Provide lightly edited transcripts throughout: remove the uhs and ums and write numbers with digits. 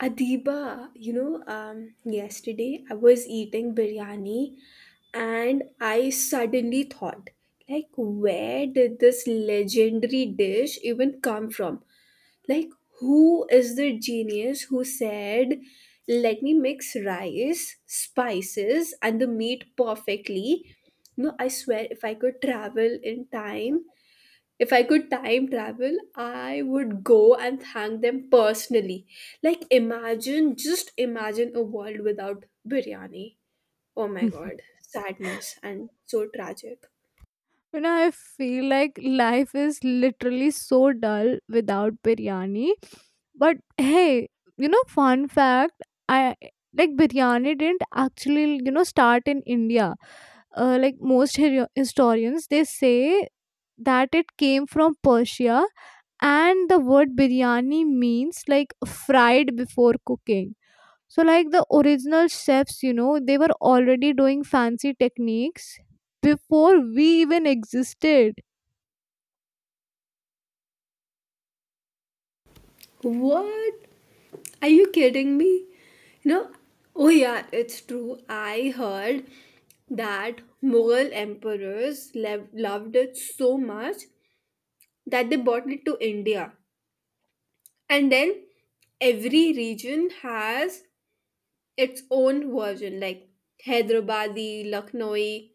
Adiba, yesterday I was eating biryani, and I suddenly thought, like, where did this legendary dish even come from? Like, who is the genius who said, let me mix rice, spices, and the meat perfectly? No, I swear, if I could travel in time, if I could time travel, I would go and thank them personally. Like, imagine, just imagine a world without biryani. Oh my You god, sadness and so tragic. know, I feel like life is literally so dull without biryani. But hey, fun fact, I like biryani didn't actually, start in India. Like most historians, they say that it came from Persia, and the word biryani means like fried before cooking. So, like the original chefs, they were already doing fancy techniques before we even existed. What? Are you kidding me? You know, oh yeah, it's true. I heard that Mughal emperors loved it so much that they brought it to India. And then every region has its own version, like Hyderabadi, Lucknowi,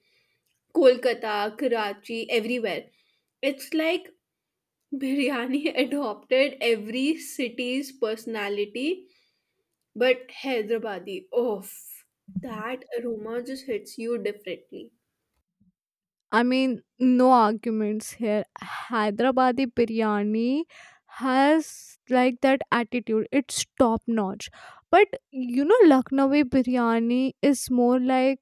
Kolkata, Karachi, everywhere. It's like biryani adopted every city's personality, but Hyderabadi, oh, that aroma just hits you differently. I mean, no arguments here. Hyderabadi biryani has like that attitude, it's top notch. But Lucknowi biryani is more like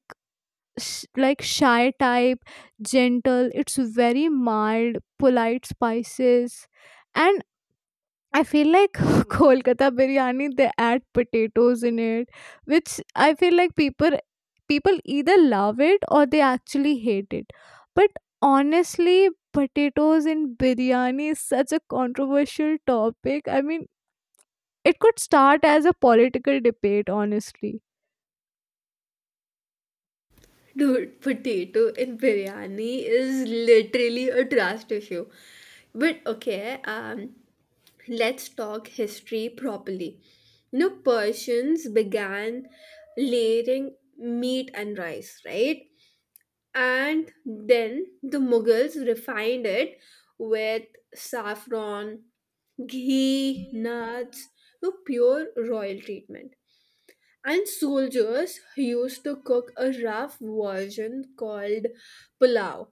like shy type, gentle. It's very mild, polite spices. And I feel like Kolkata biryani, they add potatoes in it, which I feel like people either love it or they actually hate it. But honestly, potatoes in biryani is such a controversial topic. I mean, it could start as a political debate, honestly. Dude, potato in biryani is literally a trust issue. But okay, let's talk history properly. Persians began layering meat and rice, right? And then the Mughals refined it with saffron, ghee, nuts, no, pure royal treatment. And soldiers used to cook a rough version called pulao,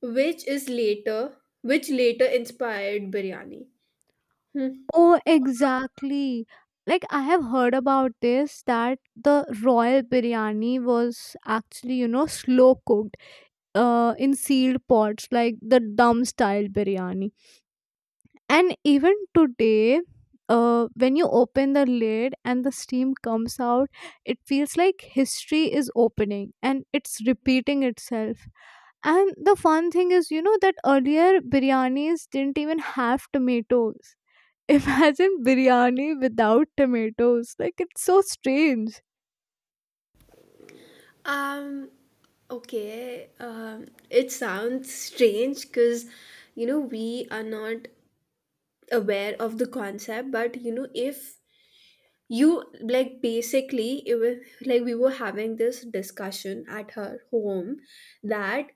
which later inspired biryani. Hmm. Oh, exactly. Like I have heard about this, that the royal biryani was actually, slow cooked in sealed pots like the dum style biryani. And even today, when you open the lid and the steam comes out, it feels like history is opening and it's repeating itself. And the fun thing is, that earlier biryanis didn't even have tomatoes. Imagine biryani without tomatoes, like it's so strange. Um okay, it sounds strange cuz we are not aware of the concept, but if you, like, basically it was like we were having this discussion at her home that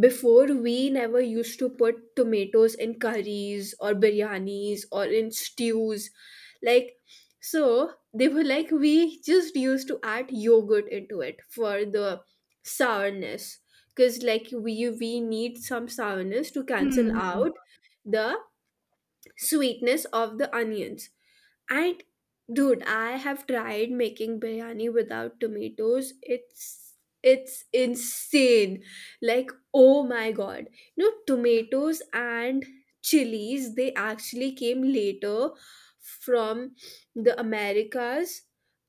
before, we never used to put tomatoes in curries or biryanis or in stews, like, so they were like we just used to add yogurt into it for the sourness, because like we need some sourness to cancel Hmm. out the sweetness of the onions. And dude, I have tried making biryani without tomatoes. It's insane. Like, oh my god. Tomatoes and chilies, they actually came later from the Americas.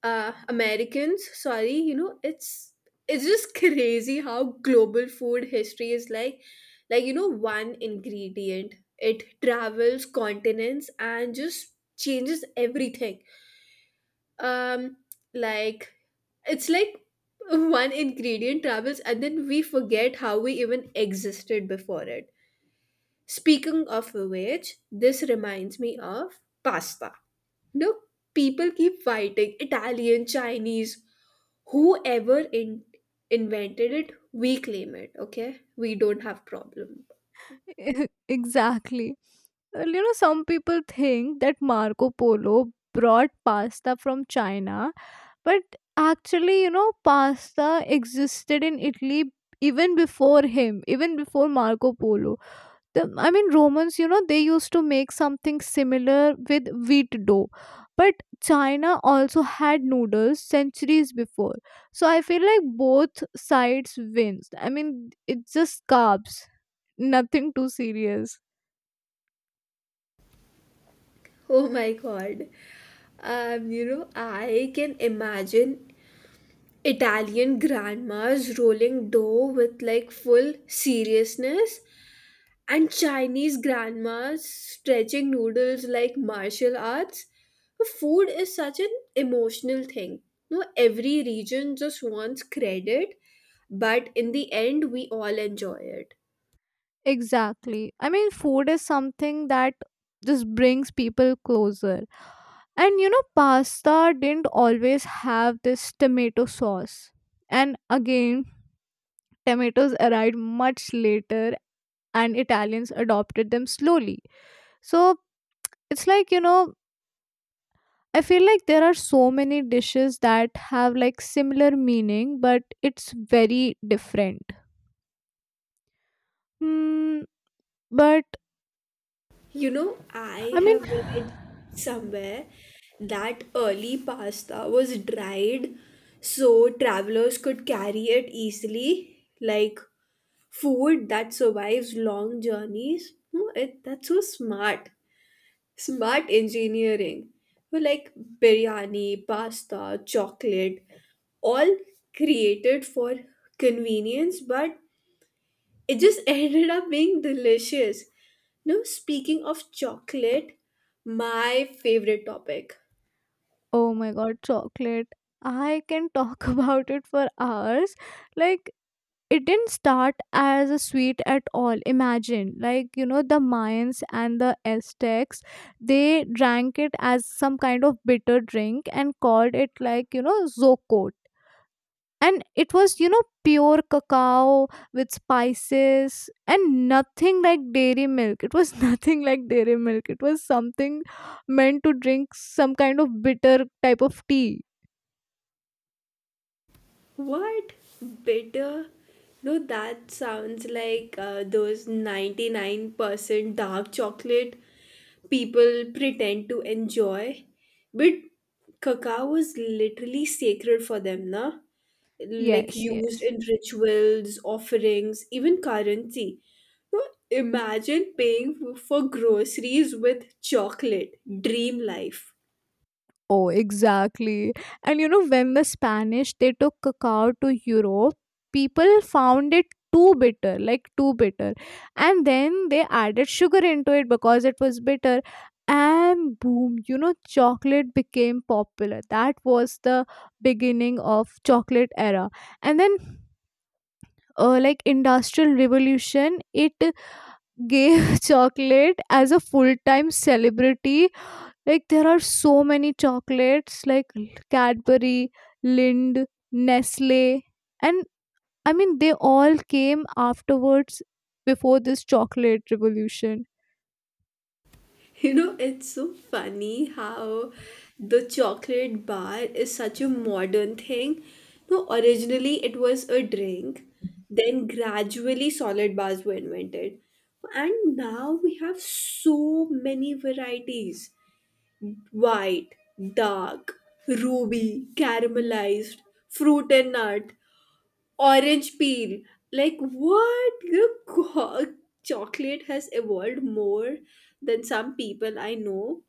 Americans, sorry, it's just crazy how global food history is, like, one ingredient, it travels continents and just changes everything. um like, it's like one ingredient travels and then we forget how we even existed before it. Speaking of which, this reminds me of pasta. No, people keep fighting Italian, Chinese, whoever invented it. We claim it, okay, we don't have problem. Exactly. Well, some people think that Marco Polo brought pasta from China, but actually, pasta existed in Italy even before him, even before Marco Polo. The I mean, Romans, they used to make something similar with wheat dough. But China also had noodles centuries before. So I feel like both sides wins. I mean, it's just carbs, nothing too serious. Oh my god, I can imagine Italian grandmas rolling dough with, like, full seriousness, and Chinese grandmas stretching noodles like martial arts. Food is such an emotional thing. No, every region just wants credit, but in the end, we all enjoy it. Exactly. I mean, food is something that just brings people closer. And pasta didn't always have this tomato sauce. And again, tomatoes arrived much later, and Italians adopted them slowly. So it's like, I feel like there are so many dishes that have like similar meaning, but it's very different. Hmm, but You know, I I mean, have read somewhere that early pasta was dried so travelers could carry it easily, like food that survives long journeys. No, it that's so smart. Smart engineering. Well, like biryani, pasta, chocolate, all created for convenience, but it just ended up being delicious. No, speaking of chocolate, my favorite topic. oh my god, chocolate. I can talk about it for hours. Like, it didn't start as a sweet at all. Imagine, like, the Mayans and the Aztecs, they drank it as some kind of bitter drink and called it like, zocot. And it was, pure cacao with spices, and nothing like dairy milk. It was nothing like dairy milk. It was something meant to drink, some kind of bitter type of tea. What, bitter? No, that sounds like those 99% dark chocolate people pretend to enjoy. But cacao is literally sacred for them, na? Like, Yes, used yes. in rituals, offerings, even currency. So imagine paying for groceries with chocolate. Dream life. Oh, exactly. And when the Spanish, they took cacao to Europe, people found it too bitter, like too bitter. And then they added sugar into it because it was bitter. And boom, chocolate became popular. That was the beginning of chocolate era. And then, like industrial revolution, it gave chocolate as a full-time celebrity. Like there are so many chocolates like Cadbury, Lind, Nestle, and I mean they all came afterwards, before this chocolate revolution. It's so funny how the chocolate bar is such a modern thing. No, originally it was a drink, then gradually solid bars were invented. And now we have so many varieties: white, dark, ruby, caramelized, fruit and nut, orange peel. Like, what? Chocolate has evolved more than some people I know.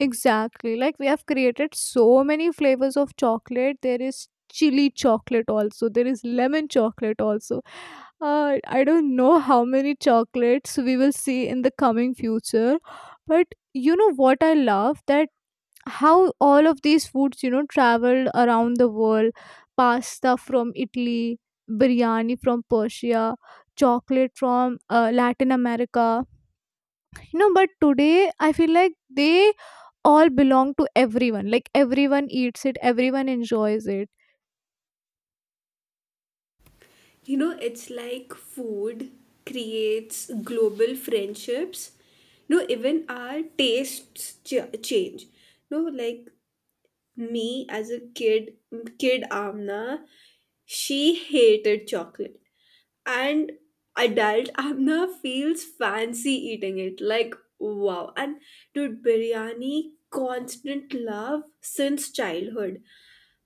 Exactly. Like we have created so many flavors of chocolate. There is chili chocolate also. There is lemon chocolate also. I don't know how many chocolates we will see in the coming future. But you know what I love? That how all of these foods traveled around the world. Pasta from Italy, biryani from Persia, chocolate from Latin America. But today I feel like they all belong to everyone. Like everyone eats it, everyone enjoys it. It's like food creates global friendships. You know, even our tastes ch- change. Like me as a kid, kid Amna, she hated chocolate. And adult Amna feels fancy eating it, like, wow. And dude, biryani, constant love since childhood.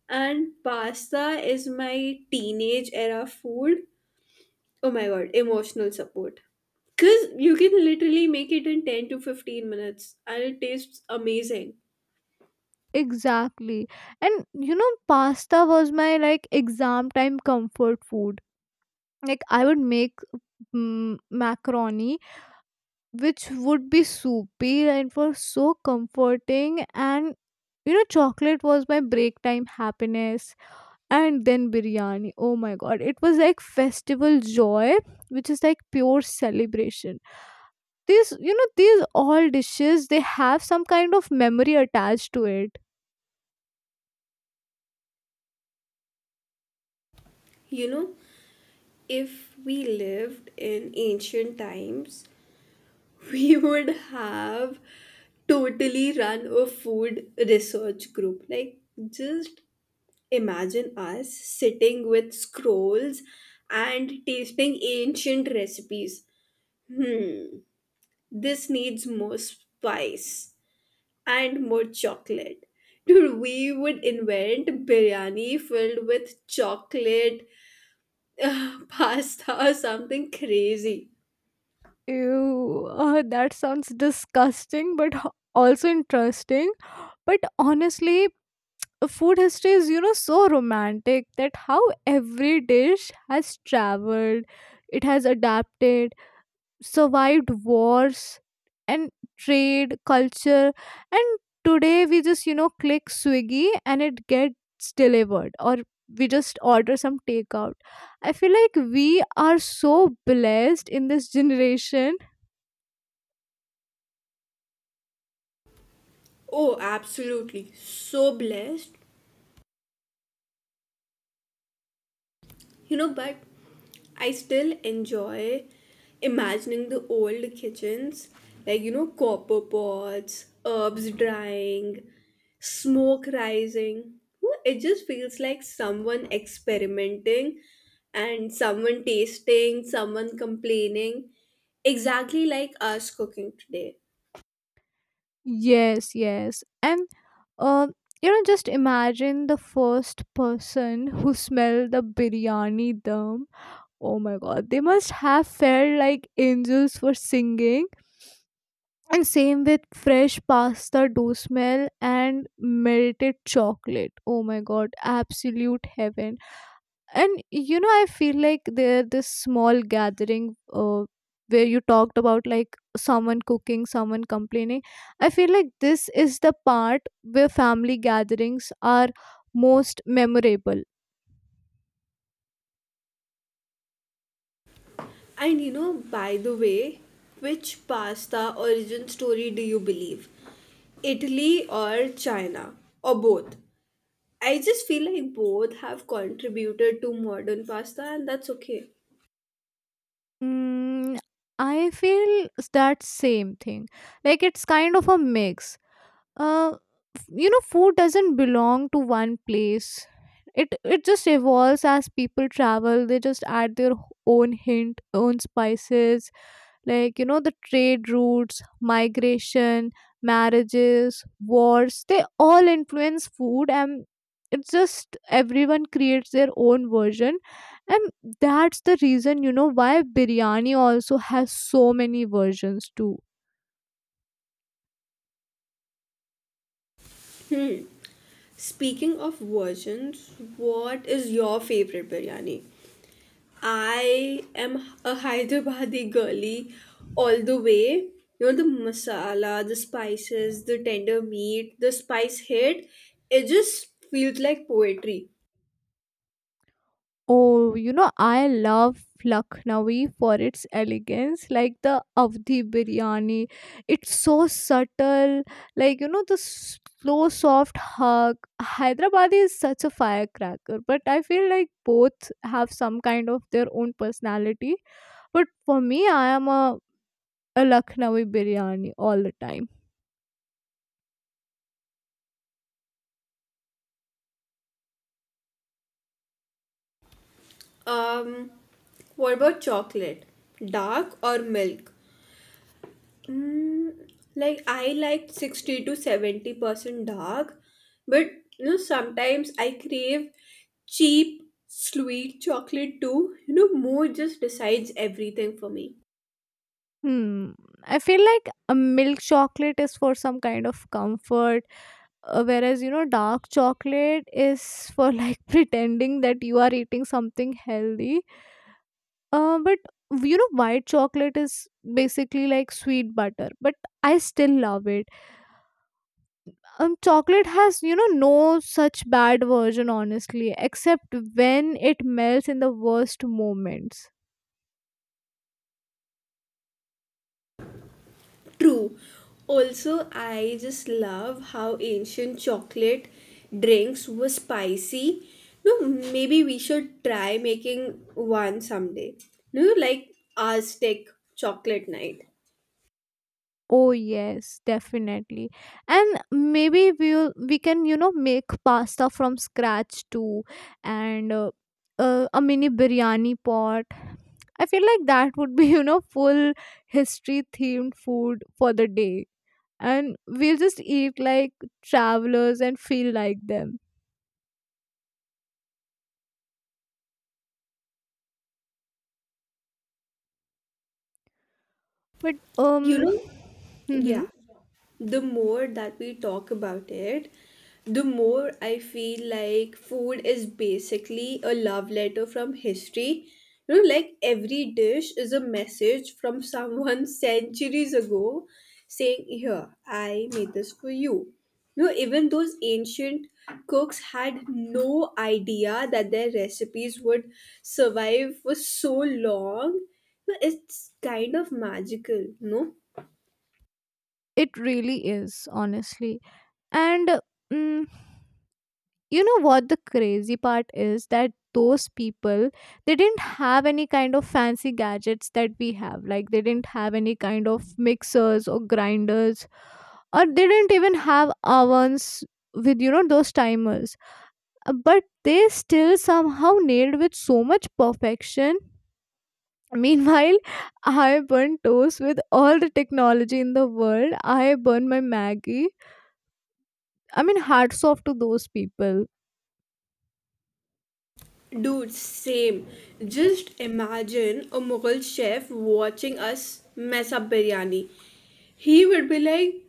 And pasta is my teenage era food. Oh my god, emotional support, because you can literally make it in 10 to 15 minutes and it tastes amazing. Exactly. And pasta was my like exam time comfort food. Like I would make macaroni, which would be soupy, and it was so comforting. And chocolate was my break time happiness. And then biryani. Oh my god, it was like festival joy, which is like pure celebration. These all dishes, they have some kind of memory attached to it. You know, if we lived in ancient times, we would have totally run a food research group. Like, just imagine us sitting with scrolls and tasting ancient recipes. This needs more spice and more chocolate. Dude, we would invent biryani filled with chocolate, pasta, or something crazy. Ew, that sounds disgusting, but also interesting. But honestly, food history is, so romantic, that how every dish has traveled, it has adapted, survived wars, and trade, culture. And today we just, click Swiggy and it gets delivered, or we just order some takeout. I feel like we are so blessed in this generation. Oh, absolutely. So blessed. But I still enjoy imagining the old kitchens, like, copper pots, herbs drying, smoke rising. Woo, it just feels like someone experimenting and someone tasting, someone complaining, exactly like us cooking today. Yes, yes. And uh, just imagine the first person who smelled the biryani dum. Oh my god, they must have felt like angels for singing. And same with fresh pasta dough smell and melted chocolate. Oh my god, absolute heaven. And I feel like there this small gathering, where you talked about like someone cooking, someone complaining. I feel like this is the part where family gatherings are most memorable. And by the way, which pasta origin story do you believe? Italy or China, or both? I just feel like both have contributed to modern pasta, and that's okay. mm, I feel that same thing. Like it's kind of a mix, uh, food doesn't belong to one place. It just evolves as people travel, they just add their own hint, own spices. Like the trade routes, migration, marriages, wars, they all influence food. And it's just everyone creates their own version, and that's the reason why biryani also has so many versions too. Hmm. Speaking of versions, what is your favorite biryani? I am a Hyderabadi girly all the way. The masala, the spices, the tender meat, the spice hit. It just feels like poetry. Oh, I love Lucknowi for its elegance, like the Avdi biryani. It's so subtle, like, the slow, soft hug. Hyderabadi is such a firecracker, but I feel like both have some kind of their own personality. But for me, I am a Lucknowi biryani all the time. Um, what about chocolate? Dark or milk? Mm, like, I like 60 to 70% dark, but sometimes I crave cheap sweet chocolate too. Mood just decides everything for me. Hmm. I feel like a milk chocolate is for some kind of comfort, whereas dark chocolate is for like pretending that you are eating something healthy, but white chocolate is basically like sweet butter, but I still love it. Chocolate has, no such bad version, honestly, except when it melts in the worst moments. True. Also, I just love how ancient chocolate drinks were spicy. No, maybe we should try making one someday. No, like, Aztec chocolate night. Oh yes, definitely. And maybe we can make pasta from scratch too, and a mini biryani pot. I feel like that would be full history themed food for the day, and we'll just eat like travelers and feel like them. But You know? mhm. Yeah, the more that we talk about it, the more I feel like food is basically a love letter from history. Like every dish is a message from someone centuries ago, saying, "Here, I made this for you." Even those ancient cooks had no idea that their recipes would survive for so long. It's kind of magical, no? It really is, honestly. And. Mm, you know what the crazy part is, that those people, they didn't have any kind of fancy gadgets that we have, like they didn't have any kind of mixers or grinders, or they didn't even have ovens with those timers. But they still somehow nailed with so much perfection. Meanwhile, I burn toast with all the technology in the world. I burn my Maggie. I mean, hats off to those people. Dude, same. Just imagine a Mughal chef watching us mess up biryani. He would be like,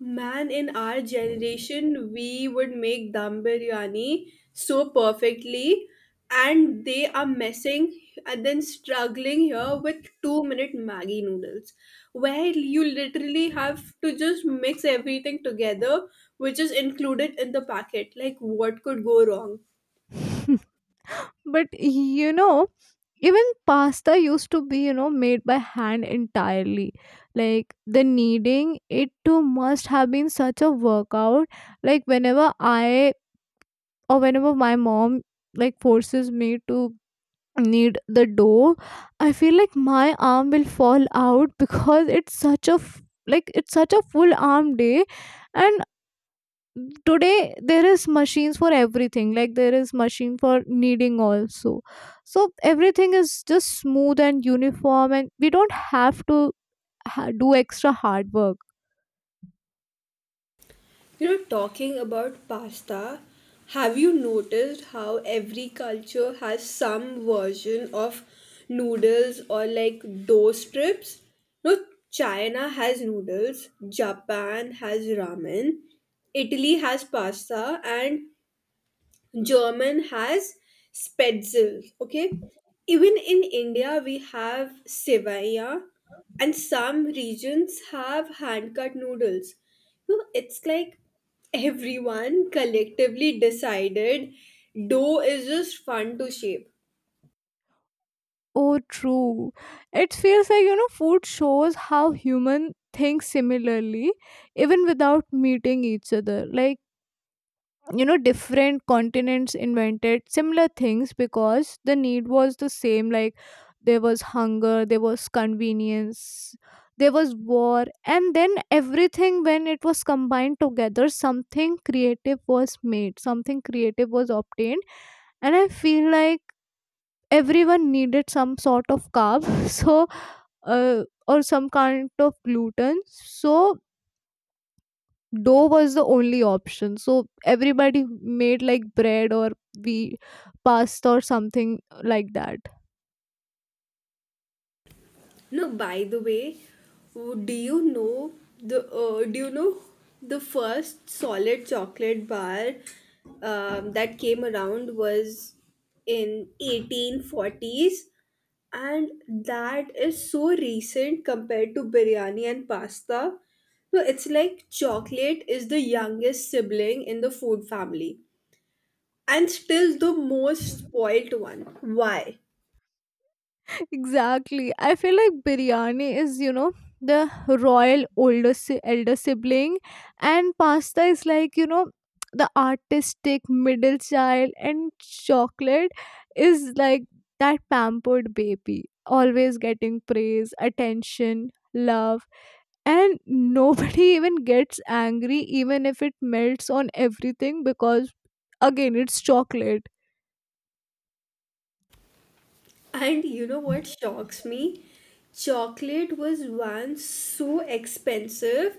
"Man, in our generation, we would make dum biryani so perfectly," and they are messing and then struggling here with 2-minute Maggie noodles, where you literally have to just mix everything together, which is included in the packet. Like, what could go wrong? But even pasta used to be, made by hand entirely. Like the kneading, it too must have been such a workout. Like whenever I, or whenever my mom, like forces me to knead the dough, I feel like my arm will fall out because it's such a full arm day. And today there is machines for everything, like there is machine for kneading also. So everything is just smooth and uniform, and we don't have to do extra hard work. Talking about pasta, have you noticed how every culture has some version of noodles or, like, dough strips? No, China has noodles, Japan has ramen, Italy has pasta, and German has Spätzle. Okay, even in India we have Sevaya, and some regions have hand cut noodles. It's like everyone collectively decided dough is just fun to shape. Oh true. It feels like food shows how human think similarly, even without meeting each other. Like different continents invented similar things because the need was the same. Like there was hunger, there was convenience, there was war, and then everything, when it was combined together, something creative was made, something creative was obtained. And I feel like everyone needed some sort of carb, so or some kind of gluten, so dough was the only option. So everybody made like bread, or we pasta, or something like that. No, by the way, w- do you know do you know the first solid chocolate bar that came around was in 1840s, and that is so recent compared to biryani and pasta. So it's like chocolate is the youngest sibling in the food family and still the most spoilt one. Why? Exactly. I feel like biryani is, the royal elder sibling, and pasta is like, the artistic middle child, and chocolate is like that pampered baby, always getting praise, attention, love. And nobody even gets angry, even if it melts on everything, because again, it's chocolate. And you know what shocks me? Chocolate was once so expensive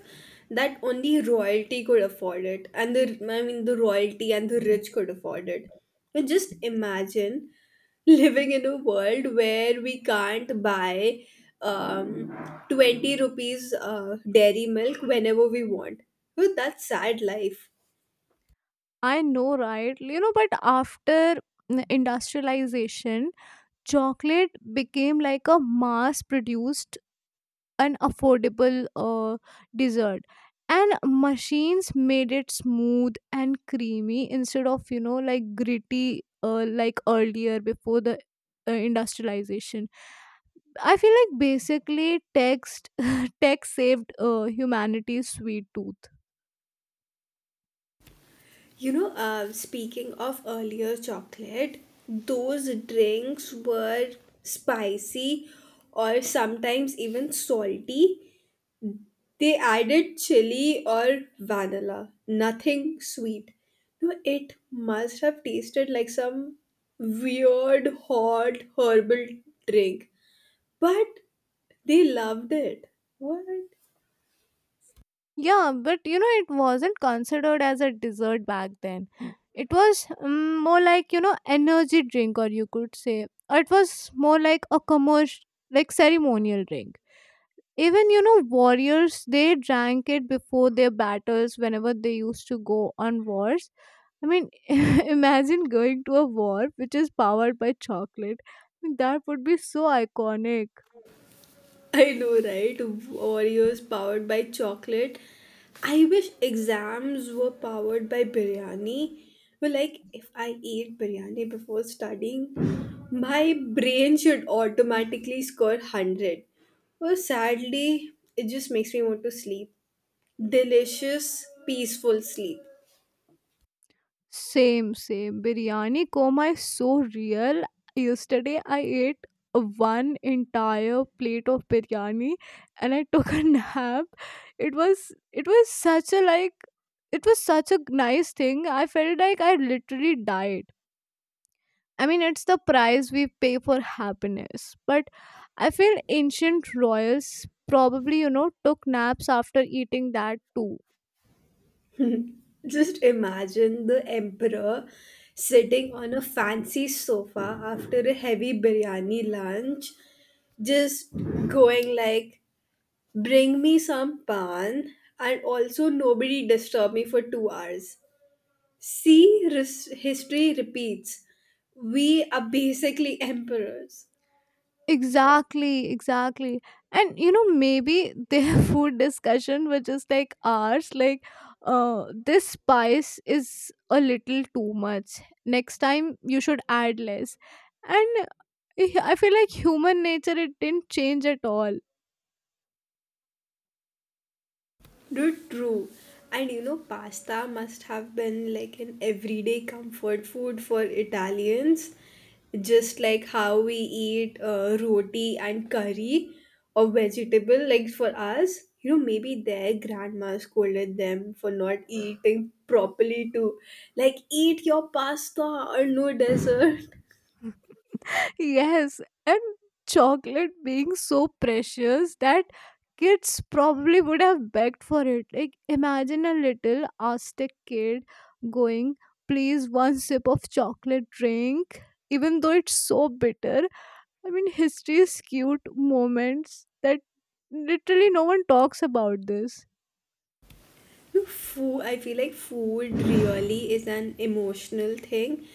that only royalty could afford it, and the I mean the royalty and the rich could afford it. And just imagine living in a world where we can't buy um 20 rupees dairy milk whenever we want. Well, that's sad life. I know right. But after industrialization, chocolate became like a mass produced, an affordable, dessert. And machines made it smooth and creamy, instead of like gritty, like earlier before the, industrialization. I feel like basically text tech saved, humanity's sweet tooth. Speaking of earlier chocolate, those drinks were spicy, or sometimes even salty. They added chili or vanilla, nothing sweet. No, it must have tasted like some weird hot herbal drink, but they loved it. What? Yeah, but it wasn't considered as a dessert back then. It was, more like, energy drink, or you could say, or it was more like a commercial, like ceremonial drink. Even, warriors, they drank it before their battles whenever they used to go on wars. I mean, imagine going to a war which is powered by chocolate. That would be so iconic. I know, right? Oreos powered by chocolate. I wish exams were powered by biryani. Well, like, if I eat biryani before studying, my brain should automatically score 100. Well, sadly, it just makes me want to sleep. Delicious, peaceful sleep. Same, same. Biryani coma is so real. Yesterday I ate one entire plate of biryani and I took a nap. It was such a nice thing. I felt like I literally died. I mean, it's the price we pay for happiness. But I feel ancient royals probably, took naps after eating that too. Just imagine the emperor sitting on a fancy sofa after a heavy biryani lunch, just going like, "Bring me some pan, and also nobody disturb me for 2 hours." See, history repeats. We are basically emperors. Exactly, exactly. And maybe their food discussion, which just like ours, like this spice is a little too much. Next time you should add less. And I feel like human nature, it didn't change at all. Dude, true. And pasta must have been like an everyday comfort food for Italians, just like how we eat roti and curry, or vegetable. Like, for us, maybe their grandma scolded them for not eating properly to, like, eat your pasta or no dessert. Yes, and chocolate being so precious that kids probably would have begged for it. Like, imagine a little Aztec kid going, please, one sip of chocolate drink, even though it's so bitter. I mean, history is cute moments that literally no one talks about this. I feel like food really is an emotional thing.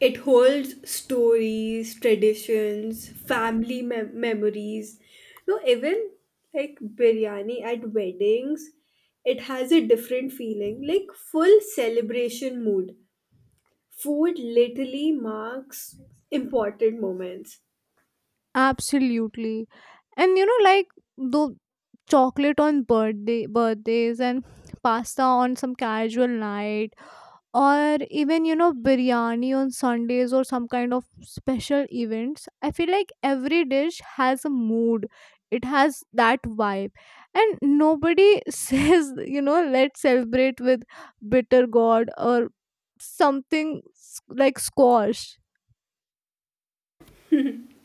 It holds stories, traditions, family memories. No, even like biryani at weddings, it has a different feeling, like full celebration mood. Food literally marks important moments. Absolutely. And like the chocolate on birthdays and pasta on some casual night, or even biryani on Sundays, or some kind of special events. I feel like every dish has a mood, it has that vibe. And nobody says, let's celebrate with bitter gourd, or something like squash.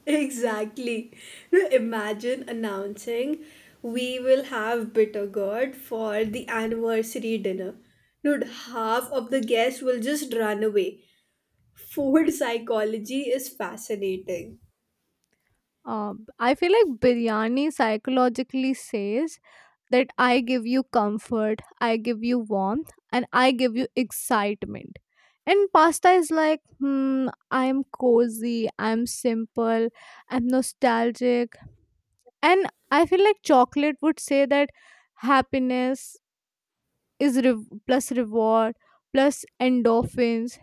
Exactly. Imagine announcing we will have bitter gourd for the anniversary dinner. Dude, half of the guests will just run away. Food psychology is fascinating. I feel like biryani psychologically says that I give you comfort, I give you warmth, and I give you excitement. And pasta is like, I'm cozy, I'm simple, I'm nostalgic. And I feel like chocolate would say that happiness is plus reward plus endorphins.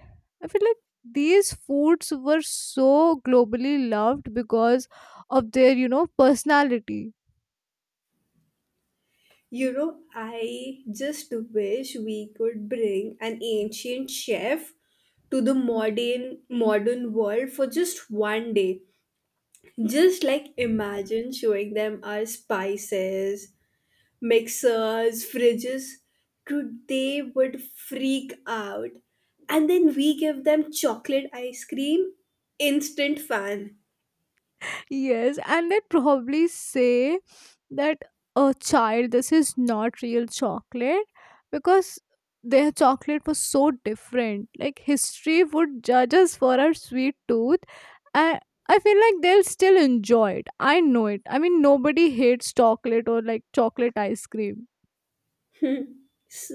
I feel like these foods were so globally loved because of their, personality. I just wish we could bring an ancient chef to the modern world for just one day, just, like, imagine showing them our spices, mixers, fridges, dude, they would freak out. And then we give them chocolate ice cream, instant fan. Yes, and they probably say that, a child, this is not real chocolate, because their chocolate was so different. Like history would judge us for our sweet tooth, and I feel like they'll still enjoy it. I know it. I mean, nobody hates chocolate or like chocolate ice cream. Hmm.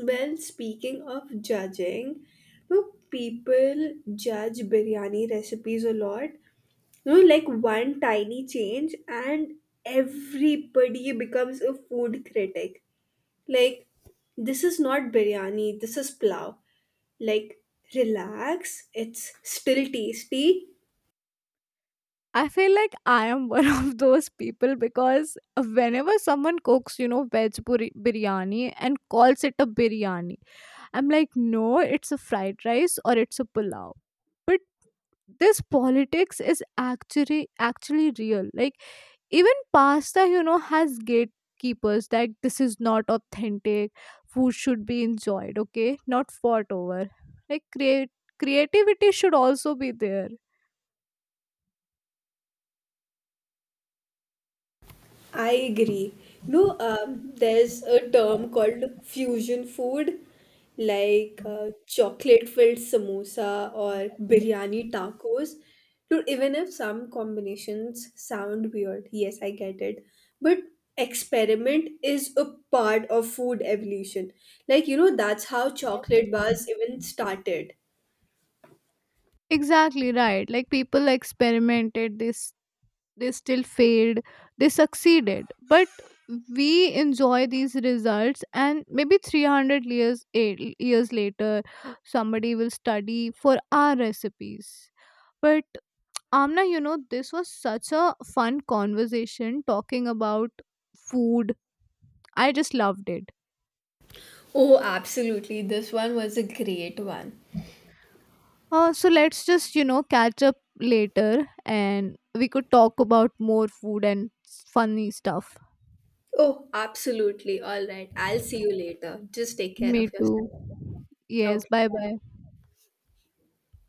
Well, speaking of judging, people judge biryani recipes a lot. Like one tiny change and everybody becomes a food critic. Like, this is not biryani, this is plow. Like, relax, it's still tasty. I feel like I am one of those people, because whenever someone cooks, veg biryani and calls it a biryani, I'm like, no, it's a fried rice or it's a pulao. But this politics is actually real. Like even pasta, has gatekeepers, that this is not authentic. Food should be enjoyed, okay, not fought over. Like create creativity should also be there. I agree. No, there's a term called fusion food, like, chocolate filled samosa or biryani tacos. Dude, even if some combinations sound weird, yes, I get it, but experiment is a part of food evolution. Like, that's how chocolate bars even started. Exactly right. Like people experimented this, they still failed, they succeeded, but we enjoy these results. And maybe 300 years 8 years later somebody will study for our recipes. But Amna, this was such a fun conversation talking about food. I just loved it. Oh, absolutely. This one was a great one. So let's just catch up later, and we could talk about more food and funny stuff. Oh, absolutely. All right. I'll see you later. Just take care Me of too. yourself. Yes, Okay. bye bye.